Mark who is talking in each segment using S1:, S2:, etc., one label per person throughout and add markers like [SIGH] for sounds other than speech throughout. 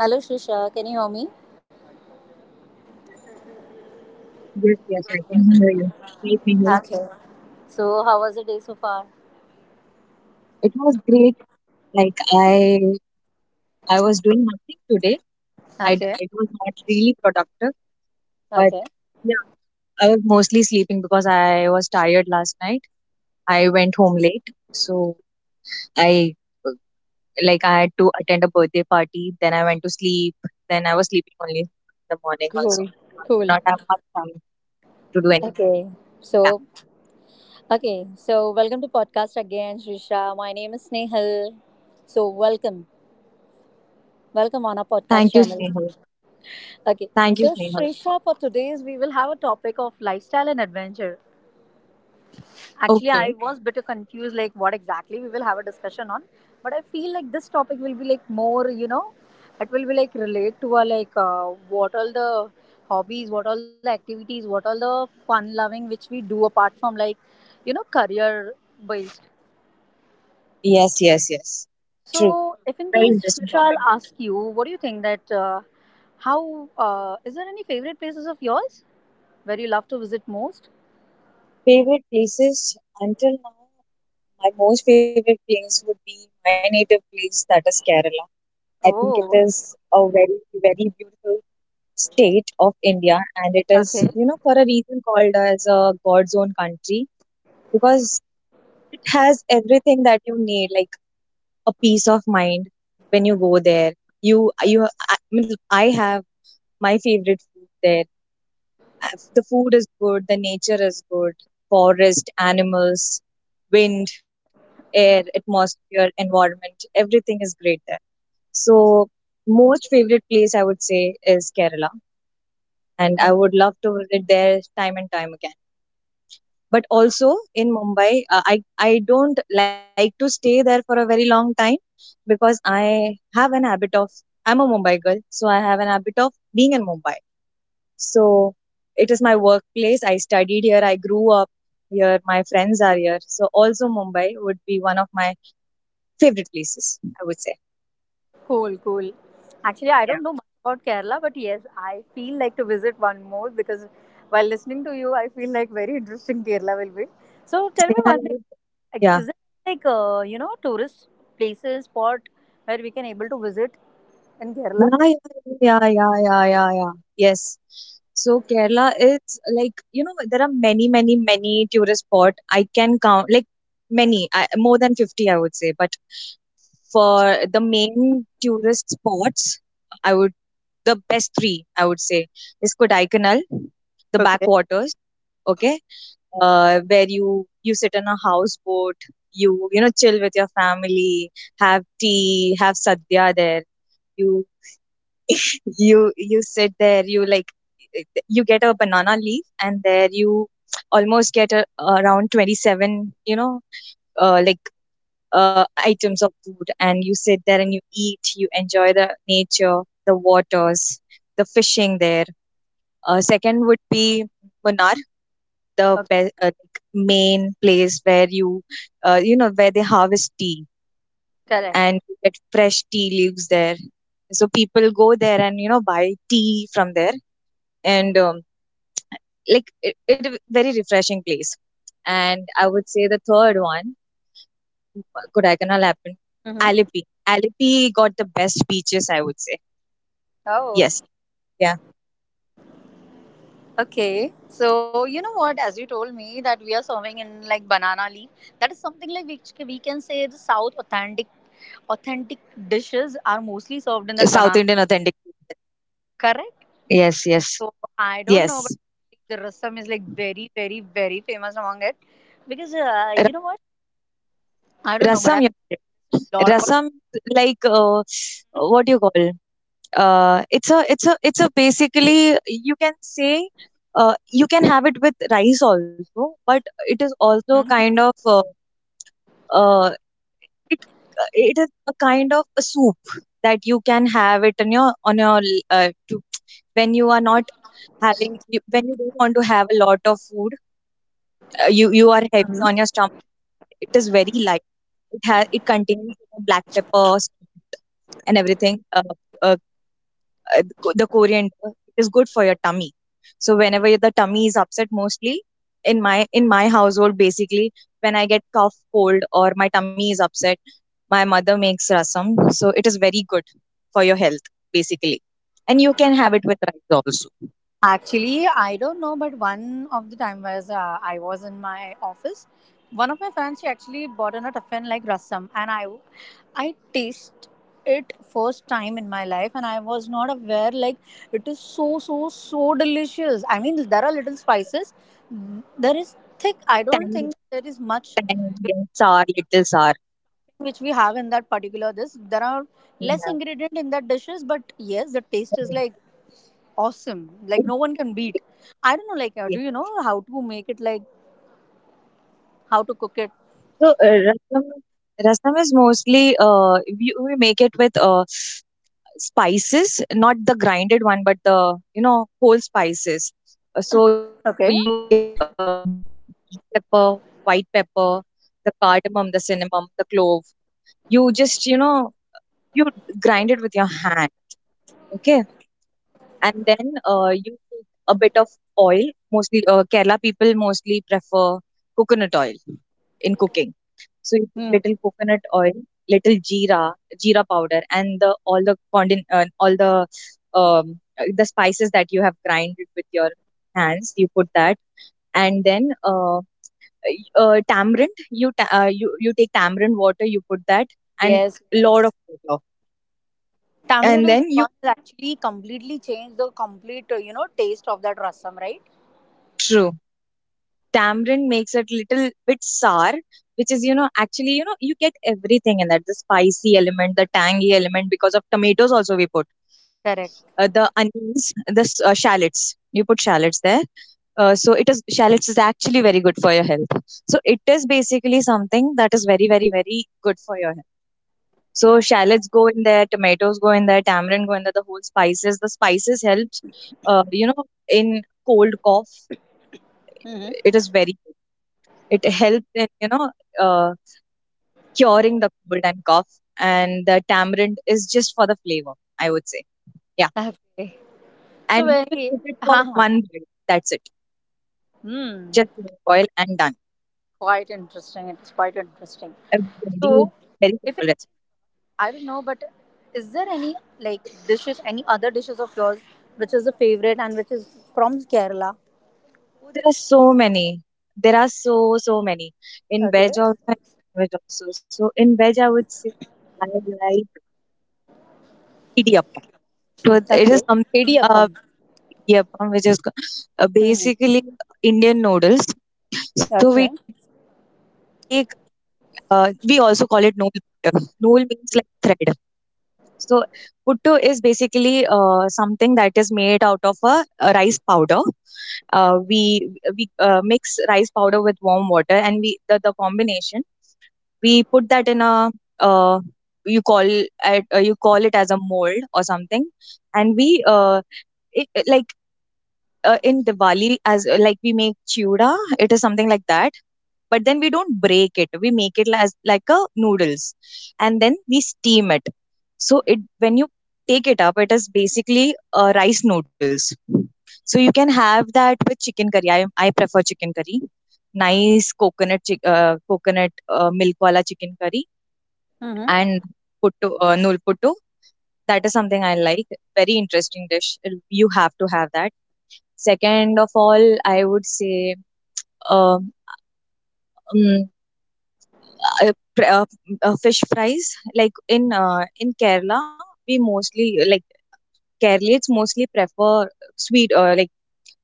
S1: Hello, Shrisha, can you hear me?
S2: Yes, yes, I can hear you. Great, Mehul.
S1: Okay. So, how was the day so far?
S2: It was great. Like I was doing nothing today. I, d-
S1: Okay.
S2: it was not really productive, but
S1: Okay.
S2: yeah, I was mostly sleeping because I was tired last night. I went home late, so I, I had to attend a birthday party. Then I went to sleep. Then I was sleeping only in the morning also.
S1: Cool.
S2: I did
S1: Cool.
S2: not have much time to do anything.
S1: Okay.
S2: Yeah.
S1: So, okay. So, welcome to podcast again, Shrisha. My name is Snehal. So, welcome. Welcome on our podcast
S2: Thank you,
S1: channel.
S2: Snehal.
S1: Okay.
S2: Thank
S1: So,
S2: you, Snehal.
S1: Shrisha, for today's, we will have a topic of lifestyle and adventure. Actually, I
S2: Okay.
S1: was a bit confused, like what exactly we will have a discussion on. But I feel like this topic will be like more, you know, it will be like relate to our like what all the hobbies, what all the activities, what all the fun loving which we do apart from like, you know, career based.
S2: Yes, yes, yes. True.
S1: So, if in
S2: Very
S1: case Shrisha,
S2: interesting topic.
S1: I'll ask you, what do you think that how is there any favorite places of yours where you love to visit most?
S2: Favorite places until now, my most favorite place would be my native place, that is Kerala. I think it
S1: Oh,
S2: is a very, very beautiful state of India, and it is,
S1: okay.
S2: you know, for a reason called as a God's own country because it has everything that you need, like a peace of mind when you go there. I mean, I have my favorite food there. The food is good, the nature is good, forest, animals, wind, air, atmosphere, environment, everything is great there. So, most favorite place I would say is Kerala, and I would love to visit there time and time again. But also in Mumbai, I don't like to stay there for a very long time because I have an habit of I'm a Mumbai girl, so I have an habit of being in Mumbai. So it is my workplace. I studied here. I grew up here. My friends are here. So also Mumbai would be one of my favorite places, I would say.
S1: Cool, cool. Actually, I don't know much about Kerala, but yes, I feel like to visit one more because while listening to you, I feel like very interesting Kerala will be. So tell me
S2: Yeah,
S1: one thing: like,
S2: yeah,
S1: is there like you know tourist places spot where we can able to visit in Kerala?
S2: yeah, yeah, yeah, yeah, yeah, yeah, yeah. Yes. So Kerala, it's like, there are many, many, many tourist spot. I can count like many, more than 50, I would say. But for the main tourist spots, I would the best three I would say is Kodaikanal, the backwaters. Okay, where you sit in a houseboat, you know chill with your family, have tea, have sadhya there. You you sit there, you like, you get a banana leaf, and there you almost get around 27, like items of food, and you sit there and you eat, you enjoy the nature, the waters, the fishing there. Uh, second would be Munnar, the
S1: Okay,
S2: like main place where you, you know where they harvest tea,
S1: correct.
S2: and you get fresh tea leaves there, so people go there and buy tea from there, and like it a very refreshing place. And I would say the third one, Kodaikanal happened.
S1: Mm-hmm.
S2: Alleppey. Alleppey got the best beaches, I would say.
S1: Oh,
S2: Yes. Yeah.
S1: okay. So you know what? As you told me that we are serving in like banana leaf. That is something like which we can say the South authentic authentic dishes are mostly served in that
S2: South
S1: banana.
S2: Indian authentic.
S1: Correct.
S2: Yes, yes.
S1: So I don't know, but
S2: Yes.
S1: the rasam is like very, very, very famous among it because you
S2: Ra-
S1: know what? I don't know, but I have
S2: Rasam, yeah.
S1: about.
S2: Rasam, like, what do you call? It's a basically, you can say, you can have it with rice also, but it is also
S1: Mhm.
S2: kind of, uh, it it is a kind of a soup that you can have it on your uh, to, when you are not when you don't want to have a lot of food. You are heavy
S1: Mhm.
S2: on your stomach, it is very light, it has it contains black pepper, salt, and everything, uh, the coriander is good for your tummy. So whenever the tummy is upset, mostly in my household, basically when I get cough, cold, or my tummy is upset, my mother makes rasam. So it is very good for your health, basically. And you can have it with rice also.
S1: Actually, I don't know, but one of the time was I was in my office. One of my friends she actually bought in a tiffin like rasam, and I taste it first time in my life, and I was not aware like it is so so so delicious. I mean, there are little spices. There is thick. I don't think
S2: Tangy,
S1: there is much
S2: tangy, and sour, little sour.
S1: which we have in that particular dish. There are less
S2: Yeah.
S1: ingredient in that dishes, but yes, the taste is like awesome. Like no one can beat. I don't know. Like, do you know how
S2: Yes.
S1: to make it? Like how to cook it?
S2: So rasam is mostly, we make it with spices, not the grinded one, but the whole spices. So
S1: Okay.
S2: you get, pepper, white pepper, the cardamom, the cinnamon, the clove. You just, you grind it with your hand, okay? And then you take a bit of oil. Mostly, Kerala people mostly prefer coconut oil in cooking. So you put
S1: Hmm.
S2: little coconut oil, little jeera, jeera powder, and the all the all the spices that you have grinded with your hands. You put that, and then, tamarind. You take tamarind water. You put that, and
S1: Yes.
S2: lot
S1: Yes.
S2: of water,
S1: Tamarind
S2: and
S1: is the
S2: then
S1: one
S2: you,
S1: that actually completely changed the complete you know taste of that rasam, right?
S2: true, tamarind makes it little bit sour, which is, you know, actually, you get everything in that, the spicy element, the tangy element, because of tomatoes also we put,
S1: Correct.
S2: the onions, the shallots, you put shallots there. So it is, shallots is actually very good for your health, so it is basically something that is very, very, very good for your health. So shallots go in there, tomatoes go in there, tamarind go in there, the whole spices, the spices helps, uh, you know in cold, cough.
S1: Hmm.
S2: It is very it helped in, uh, curing the cold and cough, and the tamarind is just for the flavor, I would say. Yeah,
S1: Okay. So
S2: and you just
S1: very.
S2: cook it for
S1: Haha.
S2: one bite. That's it.
S1: Hmm.
S2: Just boil and done.
S1: Quite interesting. It's quite interesting.
S2: A very,
S1: So,
S2: very simple
S1: if
S2: recipe.
S1: I I don't know, but is there any like dishes, any other dishes of yours which is a favorite and which is from Kerala?
S2: Oh, there are so many. There are so many in
S1: Okay.
S2: veg also, and non-veg also. So in veg, I would say I like idiyappam. So it
S1: Okay.
S2: is some
S1: Idiyappam.
S2: uh, idiyappam, which is
S1: Mm-hmm.
S2: basically Indian noodles. So
S1: Okay.
S2: we also call it nool puttu. Nool means like thread. So puttu is basically, something that is made out of a rice powder. Uh, we we mix rice powder with warm water, and the combination, we put that in a, uh, you call it, you call it as a mold or something, and we, like, in Diwali, as, like, we make chuda. It is something like that. But then we don't break it. We make it as like a noodles, and then we steam it. So it, when you take it up, it is basically, rice noodles. So you can have that with chicken curry. I prefer chicken curry. Nice coconut milk wala chicken curry
S1: Mm-hmm.
S2: and putto nul putto. That is something I like. Very interesting dish. You have to have that. Second of all, I would say, uh, um, mm, uh, fr- uh, fish fries. Like in Kerala, we mostly like Keralates mostly prefer sweet, like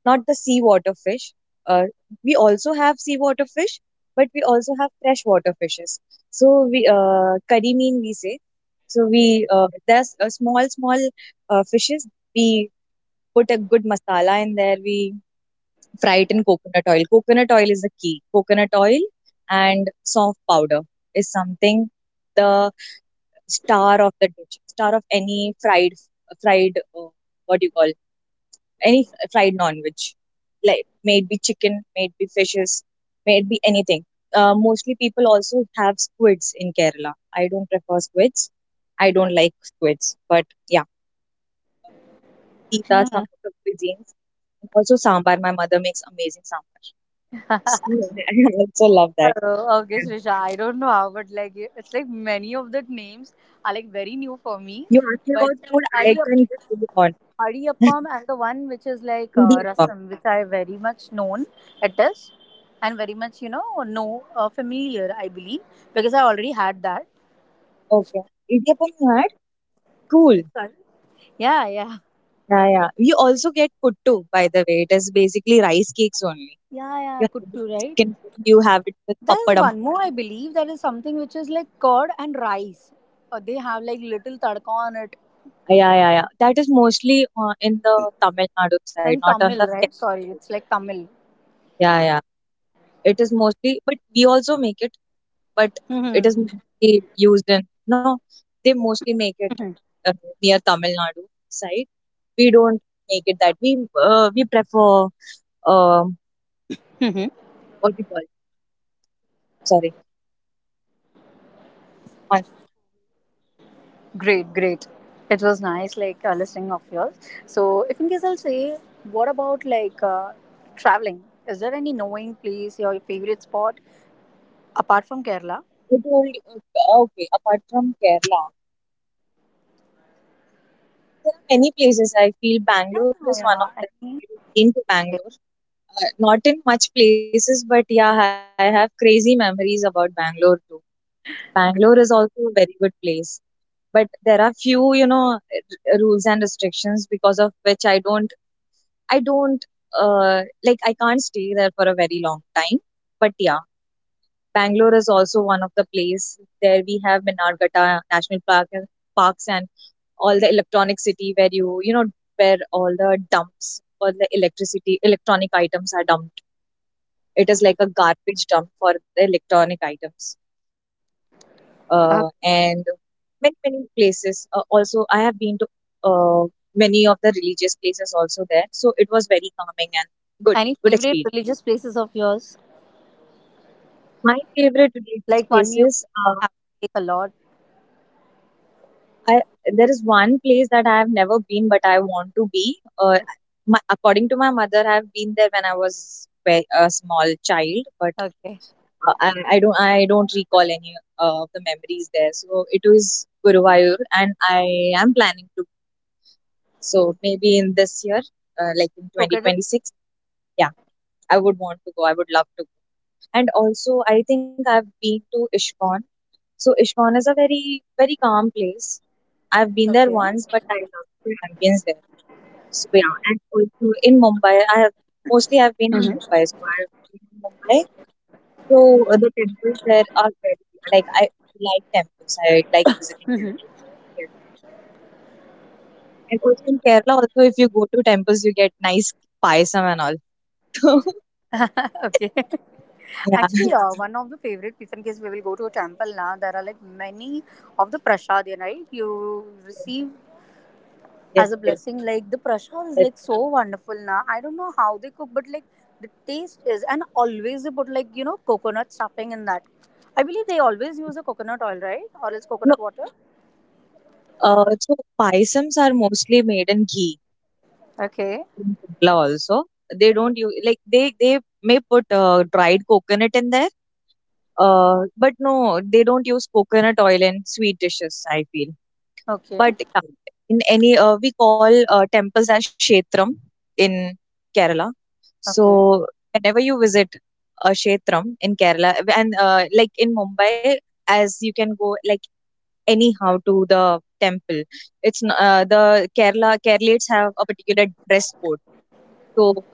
S2: not the seawater fish. Uh, we also have seawater fish, but we also have freshwater fishes. So we, curry mean we say. So we, there's a small fishes. We put a good masala in there. We fried in coconut oil. Coconut oil is the key. Coconut oil and soft powder is something, the star of the dish, star of any fried, fried, uh, what do you call, any fried non-veg, like may it be chicken, may it be fishes, may it be anything. Mostly people also have squids in Kerala. I don't prefer squids. I don't like squids, but yeah, these are
S1: Mm-hmm.
S2: some of the cuisines. Also, sambar. My mother makes amazing sambar. [LAUGHS] I also love that.
S1: Oh, okay, Srisha. I don't know how, but like it's like many of the names are like very new for me.
S2: You asked me
S1: But
S2: about food, I can just
S1: Adiyappam,
S2: go on.
S1: Adiyappam and the one which is like
S2: Idiyappam.
S1: rasam, which I very much known it is, and very much you know familiar, I believe, because I already had that.
S2: Okay. Idiyappam you had? Cool.
S1: Sorry? Yeah, yeah.
S2: Yeah, yeah. We also get puttu, by the way. It is basically rice cakes only.
S1: Yeah, yeah,
S2: You have it with
S1: Kuttu, right?
S2: chicken, you have it with
S1: There's
S2: pappadam.
S1: one more, I believe, there is something which is like curd and rice. Or they have like little tadka on it.
S2: Yeah, yeah, yeah. That is mostly, in the Tamil Nadu side,
S1: And
S2: not on the
S1: Tamil, right?
S2: Kerala
S1: Sorry,
S2: side.
S1: it's like Tamil.
S2: Yeah, yeah. It is mostly, but we also make it, but it
S1: Hmm.
S2: is mostly used in, no, they mostly make it, uh, near Tamil Nadu side. We don't make it, that we, prefer, um
S1: Hmm.
S2: what we call, sorry. One,
S1: Great, great. It was nice, like listening of yours. So, if in case I'll say, what about like traveling? Is there any knowing place, your favorite spot apart from Kerala?
S2: you told, okay, apart from Kerala there are many places I feel.
S1: Yeah,
S2: Bangalore is
S1: yeah,
S2: one of them.
S1: yeah. Any,
S2: Into Bangalore, not in much places, but yeah, I have crazy memories about Bangalore too. Bangalore is also a very good place, but there are few, rules and restrictions, because of which I don't uh, like, I can't stay there for a very long time, but yeah, Bangalore is also one of the place. There we have Minargata National Park, and parks, and all the electronic city where where all the dumps for the electricity, electronic items are dumped. It is like a garbage dump for the electronic items.
S1: okay.
S2: And many places. Also, I have been to, uh, many of the religious places also there. So it was very calming and good
S1: Any
S2: good
S1: favorite
S2: experience.
S1: religious places of yours?
S2: My favorite religious
S1: Like one you
S2: places,
S1: have to take a lot.
S2: I there is one place that I have never been, but I want to be. According to my mother, I have been there when I was a small child, but
S1: Okay.
S2: I don't recall any of the memories there. So it was Guruvayur, and I am planning to. So maybe in this year, like in twenty
S1: Located.
S2: twenty six, yeah, I would want to go. I would love to go. And also, I think I've been to Ishkon. So Ishkon is a very very calm place. I've been there
S1: Okay.
S2: once, but I love the ambience there. So yeah, and also in Mumbai, I have mostly I've been in
S1: Mm-hmm.
S2: Mumbai, so I've been in Mumbai. So, the temples there are very, like, I like temples. I like visiting temples. Yes. And also in Kerala, also if you go to temples, you get nice payasam and all. [LAUGHS]
S1: Mm-hmm. [LAUGHS] okay.
S2: Yeah.
S1: Actually,
S2: [LAUGHS]
S1: one of the favorite pizza in case we will go to a temple now, there are like many of the prasad, right? You receive
S2: Yes,
S1: as a
S2: yes,
S1: blessing. Like the prasad is
S2: yes.
S1: like so wonderful now. I don't know how they cook, but like the taste is, and always they put like you know coconut stuffing in that. I believe they always use a coconut oil, right? Or else
S2: No,
S1: coconut water.
S2: so paisams are mostly made in ghee
S1: Okay.
S2: in Kerala also. They don't use like they may put dried coconut in there. But no, they don't use coconut oil in sweet dishes, I feel.
S1: Okay.
S2: But yeah, we call temples as Kshetram in Kerala. So
S1: Okay.
S2: whenever you visit a Kshetram in Kerala, and like in Mumbai, as you can go like anyhow to the temple, the Kerala Keralates have a particular dress code. So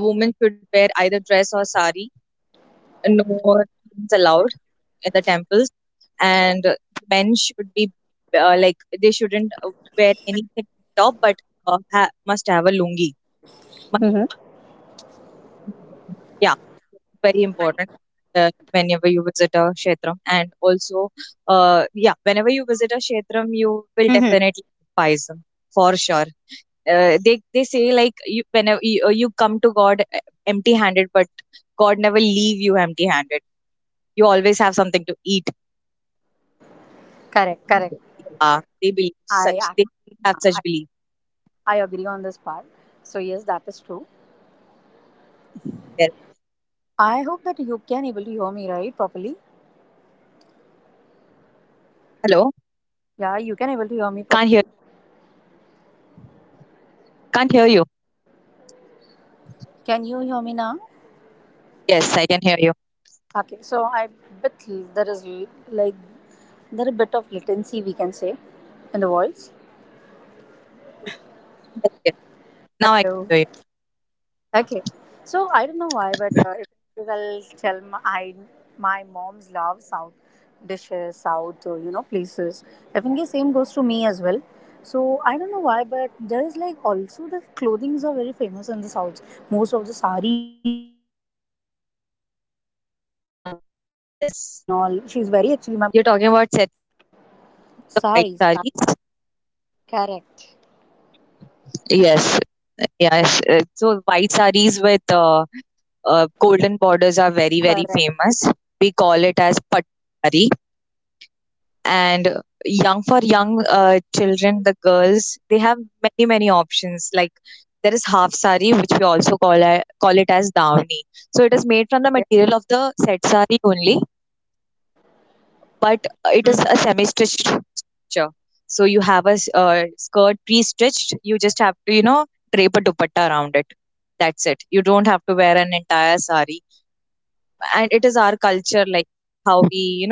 S2: the woman should wear either dress or sari, no more things allowed in the temples, and men should be, like, they shouldn't wear anything top, but must have a lungi. [LAUGHS] Must- yeah, very important whenever you visit a kshetram. And also, yeah, whenever you visit a kshetram you will
S1: Mm-hmm.
S2: definitely buy some, for sure. They say like you, whenever you come to god empty handed, but god never leave you empty handed, you always have something to eat.
S1: Correct, correct.
S2: Yeah, they believe
S1: I
S2: such. They
S1: actually
S2: have such belief.
S1: I agree on this part. So yes, that is true.
S2: Yes.
S1: I hope that you can able to hear me right properly.
S2: Hello,
S1: Yeah, you can able to
S2: can't
S1: hear
S2: hear.
S1: me properly.
S2: Can't hear you.
S1: Can you hear me now?
S2: Yes, I can hear you.
S1: Okay, so I bit there is like there a bit of latency we can say in the voice.
S2: Yes, yes. Now I can hear you.
S1: Hello. Okay. So I don't know why, but if I'll tell my mom's love South dishes, South you know places. I think the same goes to me as well. So I don't know why, but there is like also the clothings are very famous in the South. Most of the saris and all. She's very actually my mother is very fond of it.
S2: Uh, yes, you're talking about sets, the white sarees.
S1: Saris, saris. Correct.
S2: Yes, yes. So white sarees with golden borders are very very
S1: Correct.
S2: famous. We call it as pattu saree. And young
S1: Mm,
S2: children, the girls, they have many many options. Like, there is half sari, which we also call it as dawni. So it is made from
S1: okay.
S2: the material of the set sari only, but it
S1: Mm.
S2: is a semi stitched structure. So you have a skirt pre stitched, you just have to, you know, drape a dupatta around it. That's it, you don't have to wear an entire sari. And it is our culture, like how we, you know.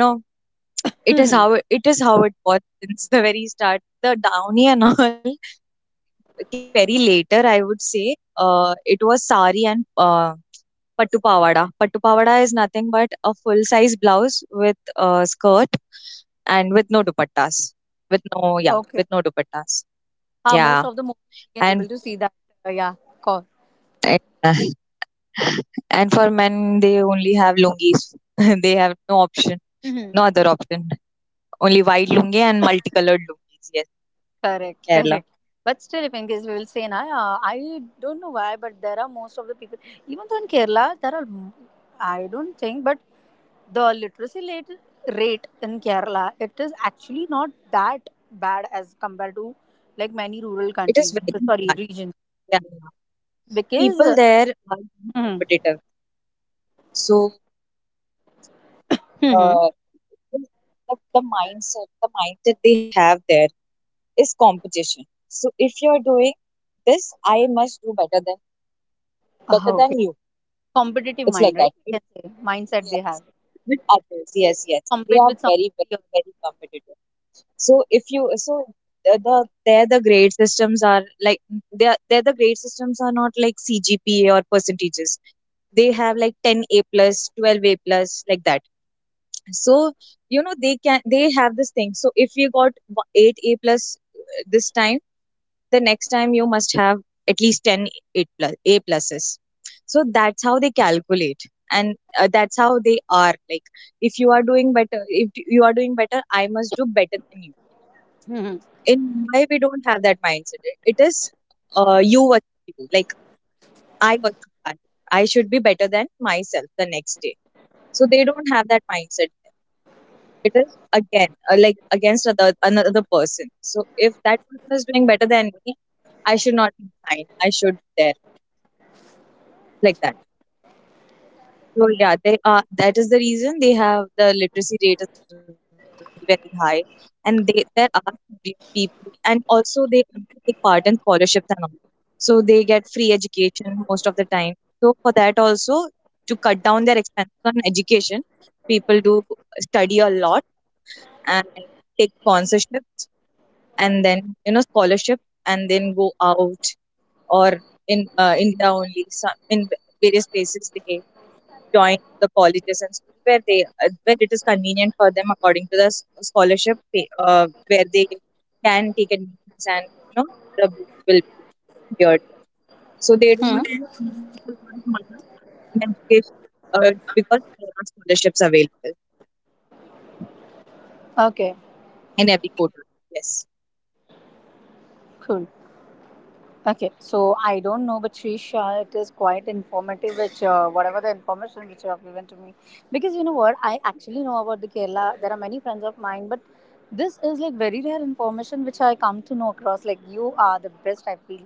S2: It is how
S1: Mhm.
S2: it is how it was since the very start. The Downy and all [LAUGHS] came very later, I would say. It was sari and pattu pawada. Pattu pawada is nothing but a full size blouse with a skirt and with no dupattas. With no,
S1: [LAUGHS]
S2: yeah,
S1: okay.
S2: with no dupattas.
S1: Most
S2: Yeah,
S1: of the movies we can
S2: and
S1: able to see that. Yeah. Call.
S2: [LAUGHS] and for men, they only have lungis. [LAUGHS] They have no option, no other option. Only white lungi and multicolored lungis. Yes, in
S1: Correct,
S2: Kerala.
S1: correct. But still, if in case we will say, na, I don't know why, but there are most of the people, even though in Kerala, there are, I don't think, but the rate in Kerala, it is actually not that bad as compared to like many rural
S2: It is
S1: countries,
S2: very bad.
S1: regions.
S2: Yeah. Yeah. People
S1: Because,
S2: there are very
S1: mm-hmm,
S2: competitive. So,
S1: mm-hmm, mhm, mhm.
S2: uh, the, the mindset, the mindset they have there is competition. So if you're doing this, I must do better than,
S1: Ah, okay,
S2: you.
S1: competitive
S2: It's like
S1: mind,
S2: that.
S1: right? We can say mindset they
S2: Yes.
S1: have
S2: With others, yes, yes. They
S1: compete
S2: are
S1: with some
S2: very,
S1: of the
S2: very, very competitive. So if you so the grade systems are like, the grade systems are not like cgpa or percentages. They have like 10 A plus, 12 A plus, like that. So, you know, they have this thing. So if you got 8 A plus this time, the next time you must have at least 10 8 plus A pluses. So that's how they calculate. And that's how they are, like, if you are doing better, if you are doing better I must do better than you.
S1: other. Mhm.
S2: In Mumbai, we don't have that mindset. It is, you, what you do. Like, I what I I should be better than myself the next day. So they don't have that mindset. It is again, like, against another person. So if that person is doing better than me, I should not be behind. I should be there, like that. So yeah, they are. That is the reason they have, the literacy rate is very very high, and they there are pe- people, and also they also take part in scholarships and all. So they get free education most of the time. So for that also, to cut down their expenses on education, people do study a lot and take sponsorships and then, you know, scholarship, and then go out, or in India only, some in various places they join the colleges and schools where they, where it is convenient for them according to the scholarship pay, where they can take admissions and, you know, the bill will be cleared. So they
S1: Mhm.
S2: don't, you know, invest a lot of money in education, because there are scholarships available
S1: Okay,
S2: in every quarter. Yes.
S1: cool. Okay, so I don't know, but Trisha, it is quite informative. Which whatever the information which you have given to me, because you know what, I actually know about the Kerala. There are many friends of mine, but this is like very rare information which I come to know across. Like you are the best, I feel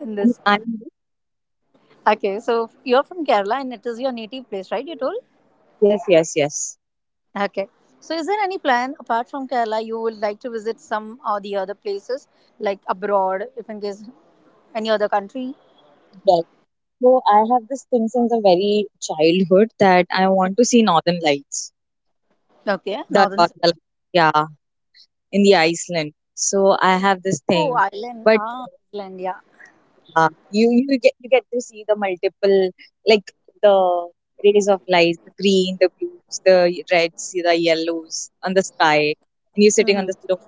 S1: in
S2: And
S1: this.
S2: I'm,
S1: Okay, so you're from Kerala, and it is your native place, right? You told.
S2: yes, yes, yes.
S1: Okay, so is there any plan apart from Kerala you would like to visit some or the other places like abroad, if in case any other country?
S2: Yes. So I have this thing since a very childhood, that I want to see northern lights.
S1: Okay,
S2: The
S1: northern.
S2: northern lights. Yeah. In the Iceland. So I have this
S1: Oh,
S2: thing,
S1: island!
S2: but
S1: Ah, island! Yeah.
S2: you get, to see the multiple, like, the rays of light, the green, the blues, the reds, the yellows on the sky, and you're sitting on
S1: Mm-hmm.
S2: the slope.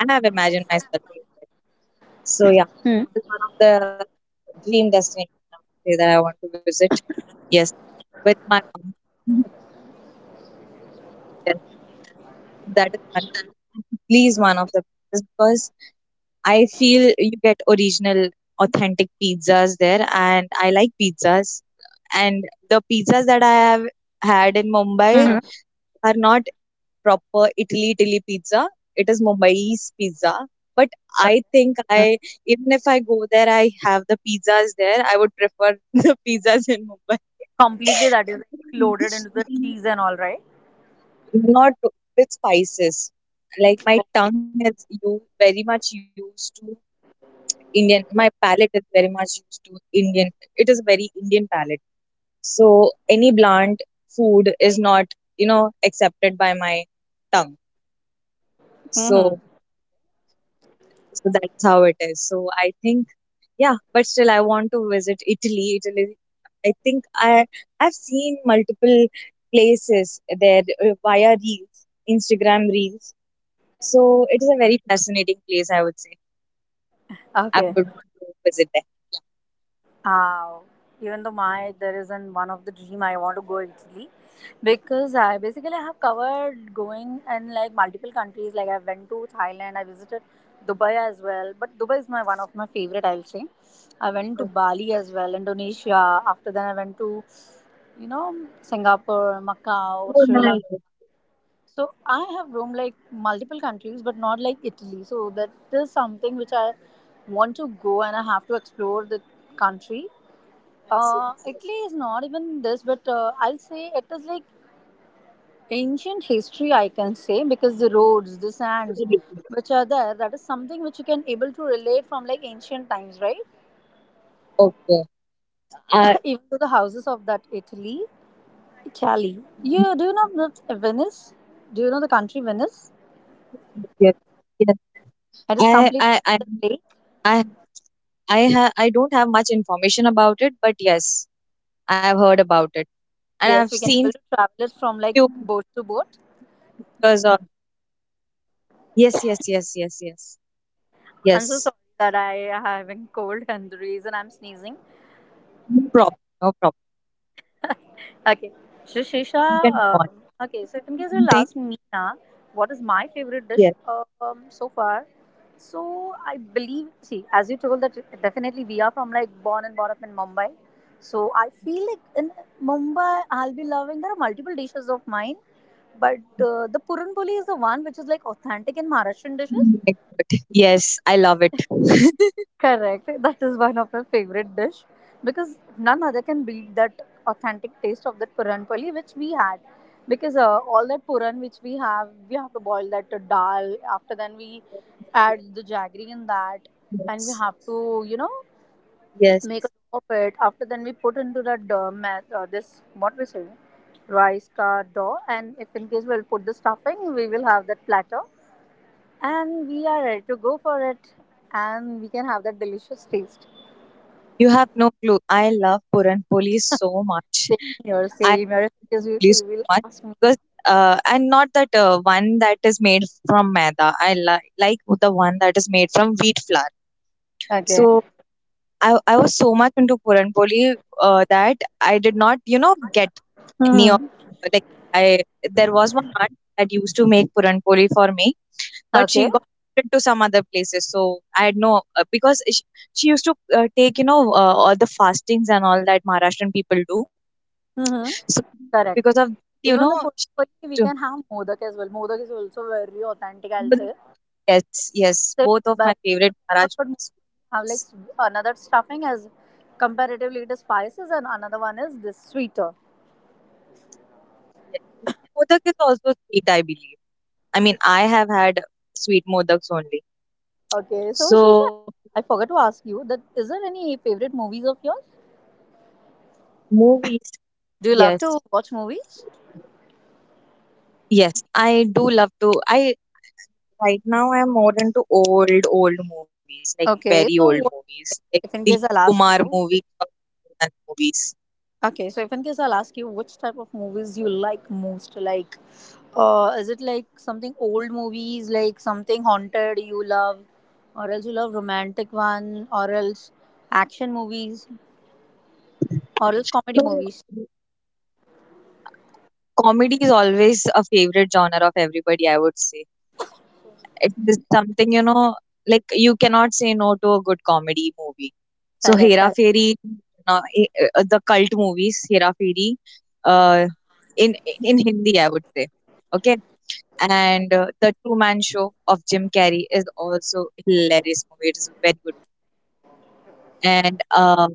S2: I have imagined myself doing that. So yeah, this is one of the dream destination, I would say, that I want to visit. Yes, with my mom. [LAUGHS] Yes, that is one. [LAUGHS] Please, one of the, because I feel you get original, authentic pizzas there, and I like pizzas. And the pizzas that I have had in Mumbai
S1: Mm-hmm.
S2: are not proper Italy pizza. It is Mumbai's pizza. But I
S1: Mm-hmm.
S2: think, even if I go there, I have the pizzas there, I would prefer [LAUGHS] the pizzas in Mumbai.
S1: Completely, that is like loaded into the
S2: [LAUGHS]
S1: cheese and all, right?
S2: Not with spices. Like, my tongue is, you very much used to Indian. My palate is very much used to Indian. It is a very Indian palate. So any bland food is not, you know, accepted by my tongue. So,
S1: Mm-hmm.
S2: that's how it is. So I think, yeah, but still I want to visit Italy. I think I've seen multiple places there, via reels, Instagram reels. So it is a very fascinating place, I would say. I
S1: Okay.
S2: would want to visit there.
S1: Uh, even though my there isn't one of the dream I want to go Italy because I basically have covered going in like multiple countries. Like I went to Thailand, I visited Dubai as well. But Dubai is my one of my favorite. I'll say. I went
S2: Yeah.
S1: to
S2: Okay.
S1: Bali as well, Indonesia. After then, I went to you know Singapore, Macau,
S2: Oh,
S1: Sri Lanka.
S2: nice.
S1: So I have roamed like multiple countries, but not like Italy. So that is something which I want to go and I have to explore the country.
S2: Yes, yes.
S1: Italy is not even this, but I'll say it is like ancient history. I can say because the roads, the sands, which are there, that is something which you can able to relate from like ancient times, right?
S2: Okay. I
S1: [COUGHS] even to the houses of that Italy, Italy. You do you know that Venice? Do you know the country Venice?
S2: yes. Yes.
S1: It is
S2: I,
S1: completely
S2: I, I,
S1: the lake.
S2: I, I have. I don't have much information about it, but yes, I have heard about it, and I've
S1: Yes, we can
S2: seen
S1: able to travel it from like
S2: few
S1: boat to
S2: pictures
S1: boat.
S2: of. Yes, yes, yes, yes, yes, yes.
S1: I'm so sorry that I having cold [LAUGHS] and the reason I'm sneezing.
S2: No problem. No problem.
S1: Okay, so
S2: You
S1: Shisha,
S2: can go on.
S1: okay, so if in case
S2: Thing.
S1: you'll ask me now, what is my favorite
S2: Yes.
S1: dish so far? So I believe, see, as you told that definitely we are from like born and brought up in Mumbai. So I feel like in Mumbai, I'll be loving, there are multiple dishes of mine, but the Puran Poli is the one which is like authentic in Maharashtrian dishes.
S2: Excellent. Yes, I love it. [LAUGHS]
S1: Correct. That is one of my favorite dish because none other can beat that authentic taste of that puran poli which we had. Because all that puran which we have to boil that to dal. After then we add the jaggery in that, and we
S2: Yes,
S1: have to you know
S2: yes.
S1: make a dough of it. After then we put into that this what we say rice ka dough, and if in case we'll put the stuffing, we will have that platter, and we are ready to go for it, and we can have that delicious taste.
S2: You have no clue. I love Puran Poli so much.
S1: Same here,
S2: I.
S1: same here. Because
S2: Please
S1: will
S2: so
S1: will
S2: much.
S1: ask me
S2: Because, and not that one that is made from maida, like the one that is made from wheat flour. So
S1: again.
S2: I was so much into puran poli, that I did not, you know, get any
S1: Hmm.
S2: of, like, I there was one aunt that used to make puran poli for me, but
S1: Okay.
S2: she got it to some other places, so I had no. Because she used to, take, you know, all the fastings and all that maharashtrian people do.
S1: Hmm.
S2: So because
S1: Correct.
S2: of, you know,
S1: Even though
S2: she
S1: Puranpoli, we
S2: used
S1: can have Modak as well. Modak is also very authentic, I'll
S2: to-
S1: say.
S2: Yes, yes.
S1: Same
S2: Both of my
S1: comparatively to
S2: favorite
S1: Momos, but
S2: Maharashtra
S1: Momos have like s-
S2: sweets.
S1: another stuffing as comparatively it is spices, and another one is this sweeter.
S2: Yes. Modak is also sweet, I believe. I mean, I have had sweet modaks only.
S1: Okay, so
S2: So
S1: Shisha, I forgot to ask you that is there any favorite movies of yours?
S2: movies,
S1: Do you love
S2: yes,
S1: to watch movies?
S2: yes. I do love to. I Right now I'm more into old, old movies, like
S1: Okay,
S2: very
S1: so
S2: old
S1: what
S2: movies, like
S1: if in case
S2: Dilip
S1: I'll ask
S2: Kumar
S1: you,
S2: movie, and movies.
S1: okay, so if in case I'll ask you which type of movies you like most, like, is it like something old movies, like something haunted you love, or else you love romantic one, or else action movies, or else comedy
S2: So
S1: movies?
S2: comedy is always a favorite genre of everybody, I would say. It is something, you know, like you cannot say no to a good comedy movie. So
S1: Correct,
S2: Hera
S1: correct.
S2: Fairy, the cult movies, Hera Fairy, uh, in Hindi, I would say, okay. And the two-man show of Jim Carrey is also hilarious movie, it is very good. And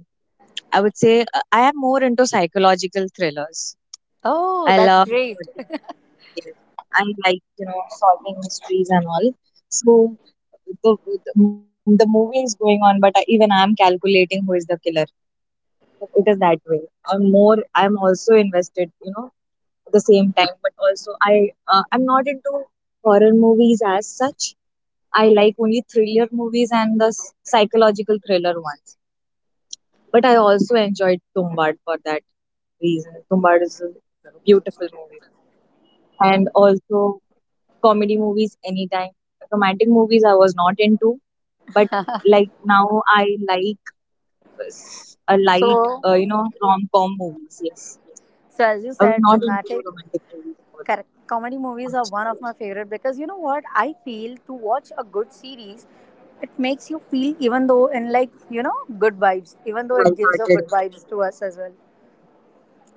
S2: I would say, I am more into psychological thrillers.
S1: Oh,
S2: I
S1: that's
S2: love
S1: great. [LAUGHS]
S2: skills. I like, you know, solving mysteries and all. So the movie is going on, but, even I'm calculating who is the killer. It is that way. I'm also invested, you know, at the same time, but also, I'm not into horror movies as such. I like only thriller movies and the psychological thriller ones. But I also enjoyed Tombad for that reason. Tombad is a beautiful movie. And also comedy movies anytime. Romantic movies I was not into, but like now I like, a light,
S1: So,
S2: you know, rom com movies. Yes,
S1: so, as you
S2: I was
S1: said,
S2: not into
S1: dramatic
S2: romantic movies for
S1: correct. Comedy movies are
S2: much.
S1: one of my favorite because you know what? I feel to watch a good series, it makes you feel even though in like, you know, good vibes, even though it gives a good
S2: Lighthearted.
S1: vibes to us as well.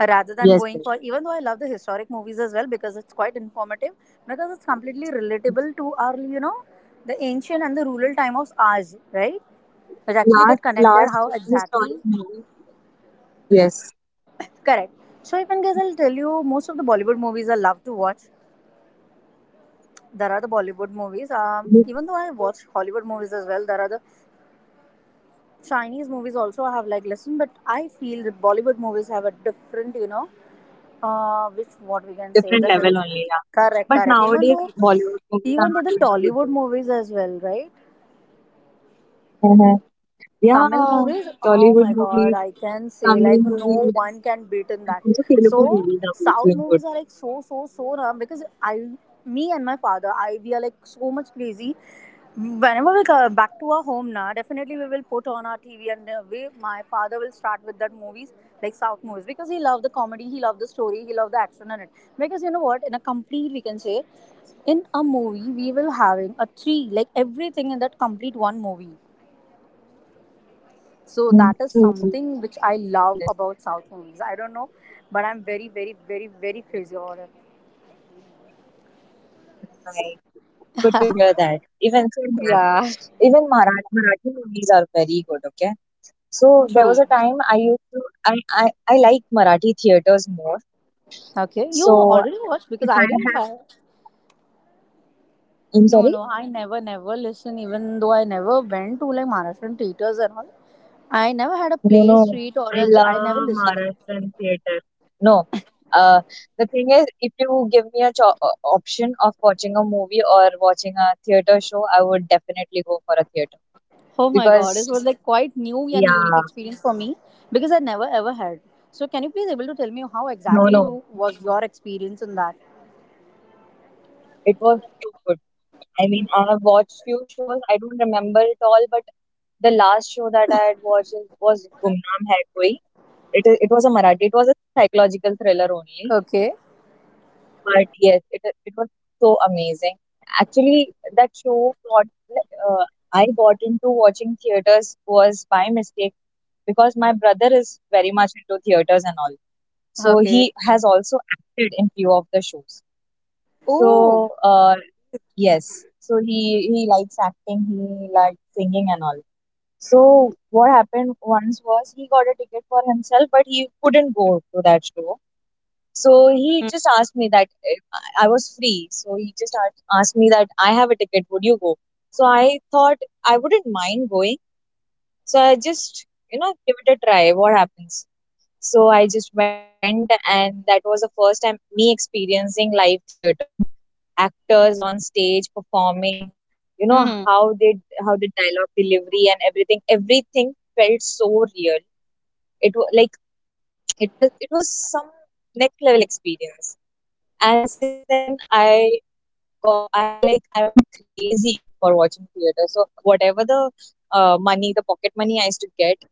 S1: Rather than
S2: Yes,
S1: going
S2: yes.
S1: for,
S2: Yes.
S1: even though I love the historic movies as well because it's quite informative, because it's completely relatable to our, you know, the ancient and the rural time of ours, right? It actually get
S2: Last,
S1: connected how
S2: last
S1: exactly
S2: historic movie. Yes,
S1: correct. So even guys, I'll tell you, most of the Bollywood movies I love to watch there are the Bollywood movies.
S2: with
S1: Even though I watch Hollywood movies as well, there are the Chinese movies also I have like listened, but I feel that Bollywood movies have a different, you know, which what we can say
S2: different
S1: the
S2: level
S1: hit.
S2: only. Yeah,
S1: Correct,
S2: but
S1: correct.
S2: nowadays Bollywood movies are
S1: Even though
S2: not
S1: the
S2: doing a good
S1: Tollywood
S2: job.
S1: movies as well, right?
S2: Hmm.
S1: Tamil
S2: Yeah,
S1: movies, oh my
S2: Tollywood
S1: god,
S2: movies,
S1: I can say
S2: Tamil
S1: like
S2: movies,
S1: no one can beat in that.
S2: also Telugu
S1: So
S2: movies are
S1: South
S2: doing good.
S1: movies are like so so so raw because I, me and my father, I we are like so much crazy. Whenever we come back to our home now, definitely we will put on our TV and my father will start with that movies like South movies because he loved the comedy, he loved the story, he loved the action in it. Because you know what, in a complete we can say, in a movie we will having a three like everything in that complete one movie so
S2: Mm,
S1: that
S2: true.
S1: is something which I
S2: Yes,
S1: love about South movies. I don't know, but I'm very, very, very, very crazy about it.
S2: right. Good to hear that. Even Kannada-,
S1: Yeah,
S2: even Marathi movies are very good. Okay, so there
S1: true.
S2: was a time I used to I I like Marathi theaters more.
S1: Okay, you
S2: So
S1: already watched because
S2: if I
S1: I didn't
S2: have,
S1: have.
S2: I'm
S1: No,
S2: sorry.
S1: no, I never, never listen. Even though I never went to like Maharashtrian theaters and all, I never had a
S2: No,
S1: play
S2: no,
S1: street or
S2: I
S1: else I never
S2: love
S1: listened.
S2: Marathan theater. No, uh, the thing is, if you give me a option of watching a movie or watching a theater show, I would definitely go for a theater,
S1: Oh my god, this
S2: because
S1: was like quite new and unique
S2: yeah,
S1: experience for me because I never ever had. So can you please able to tell me how
S2: no,
S1: exactly
S2: no,
S1: was your experience in that?
S2: it was so good. I mean, I have watched few shows. I don't remember it all, but the last show that I had watched was Gumnaam Hai Koi. It is. It was a Marathi. It was a psychological thriller only.
S1: Okay.
S2: But yes, it was so amazing. Actually, that show got uh, I got into watching theaters, was by mistake, because my brother is very much into theaters and all. So
S1: Okay,
S2: he has also acted in few of the shows.
S1: oh,
S2: So, uh, yes. So he likes acting, he likes singing and all. So what happened once was, he got a ticket for himself, but he couldn't go to that show. So he just asked me that if I was free. So he just asked me that I have a ticket, would you go? So I thought I wouldn't mind going. So I just, you know, give it a try. What happens? So I just went, and that was the first time me experiencing live theater, actors on stage performing. You know
S1: hmm
S2: how the dialogue delivery and everything, everything felt so real. It was, like, it was some next level experience. And since then, I went crazy for watching theater. So whatever the, the pocket money I used to get,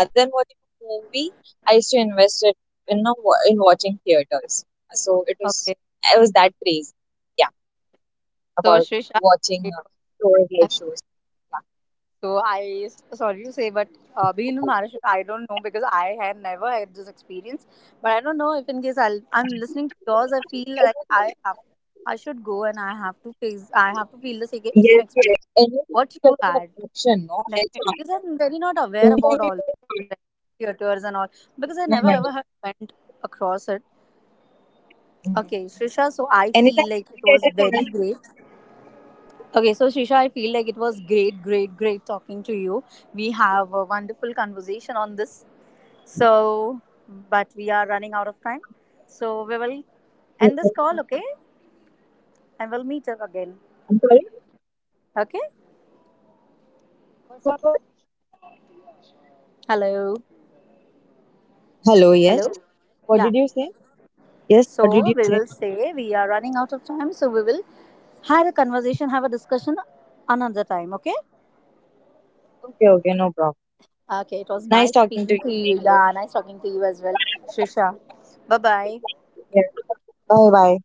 S2: rather than watching a movie, I used to invest it in watching theaters. So it was
S1: okay.
S2: I was that crazy, yeah,
S1: So,
S2: about
S1: Shrisha,
S2: watching, touring live shows. Yeah.
S1: so I sorry to say, but being in Maharashtra, I don't know because I had never had this experience. But I don't know if in case I'm listening to yours, I feel like I have, I should go and I have to face, I have to feel the same, same
S2: Yes,
S1: experience
S2: yes. Anytime
S1: what
S2: you get
S1: you
S2: an
S1: had
S2: option, no, and
S1: definitely
S2: chance.
S1: because I'm very not aware
S2: Anytime
S1: about
S2: you get
S1: all
S2: a
S1: the
S2: chance,
S1: theaters and all
S2: no,
S1: because I
S2: no,
S1: never ever
S2: no.
S1: had went across it.
S2: Mm.
S1: Okay, Shrisha, so I feel
S2: Anytime you
S1: like it was
S2: get a
S1: very
S2: chance.
S1: great. Okay, so Shisha, I feel like it was great, great, great talking to you. We have a wonderful conversation on this. So, but we are running out of time. So, we will
S2: Mm,
S1: end
S2: mm.
S1: this call, okay? And we'll meet up again.
S2: I'm sorry.
S1: Okay?
S2: What, what?
S1: Hello.
S2: Hello. Yes.
S1: Hello.
S2: What did you
S1: Yeah.
S2: say? Yes. What did you say?
S1: So, we will say we are running out of time. So, we will have a conversation, have a discussion another time, okay?
S2: Okay. Okay. No problem.
S1: Okay, it was
S2: Nice
S1: nice
S2: talking to
S1: speaking to
S2: you,
S1: you.
S2: Snehal.
S1: Yeah, nice talking to you as well, Shisha. Bye bye.
S2: Bye bye.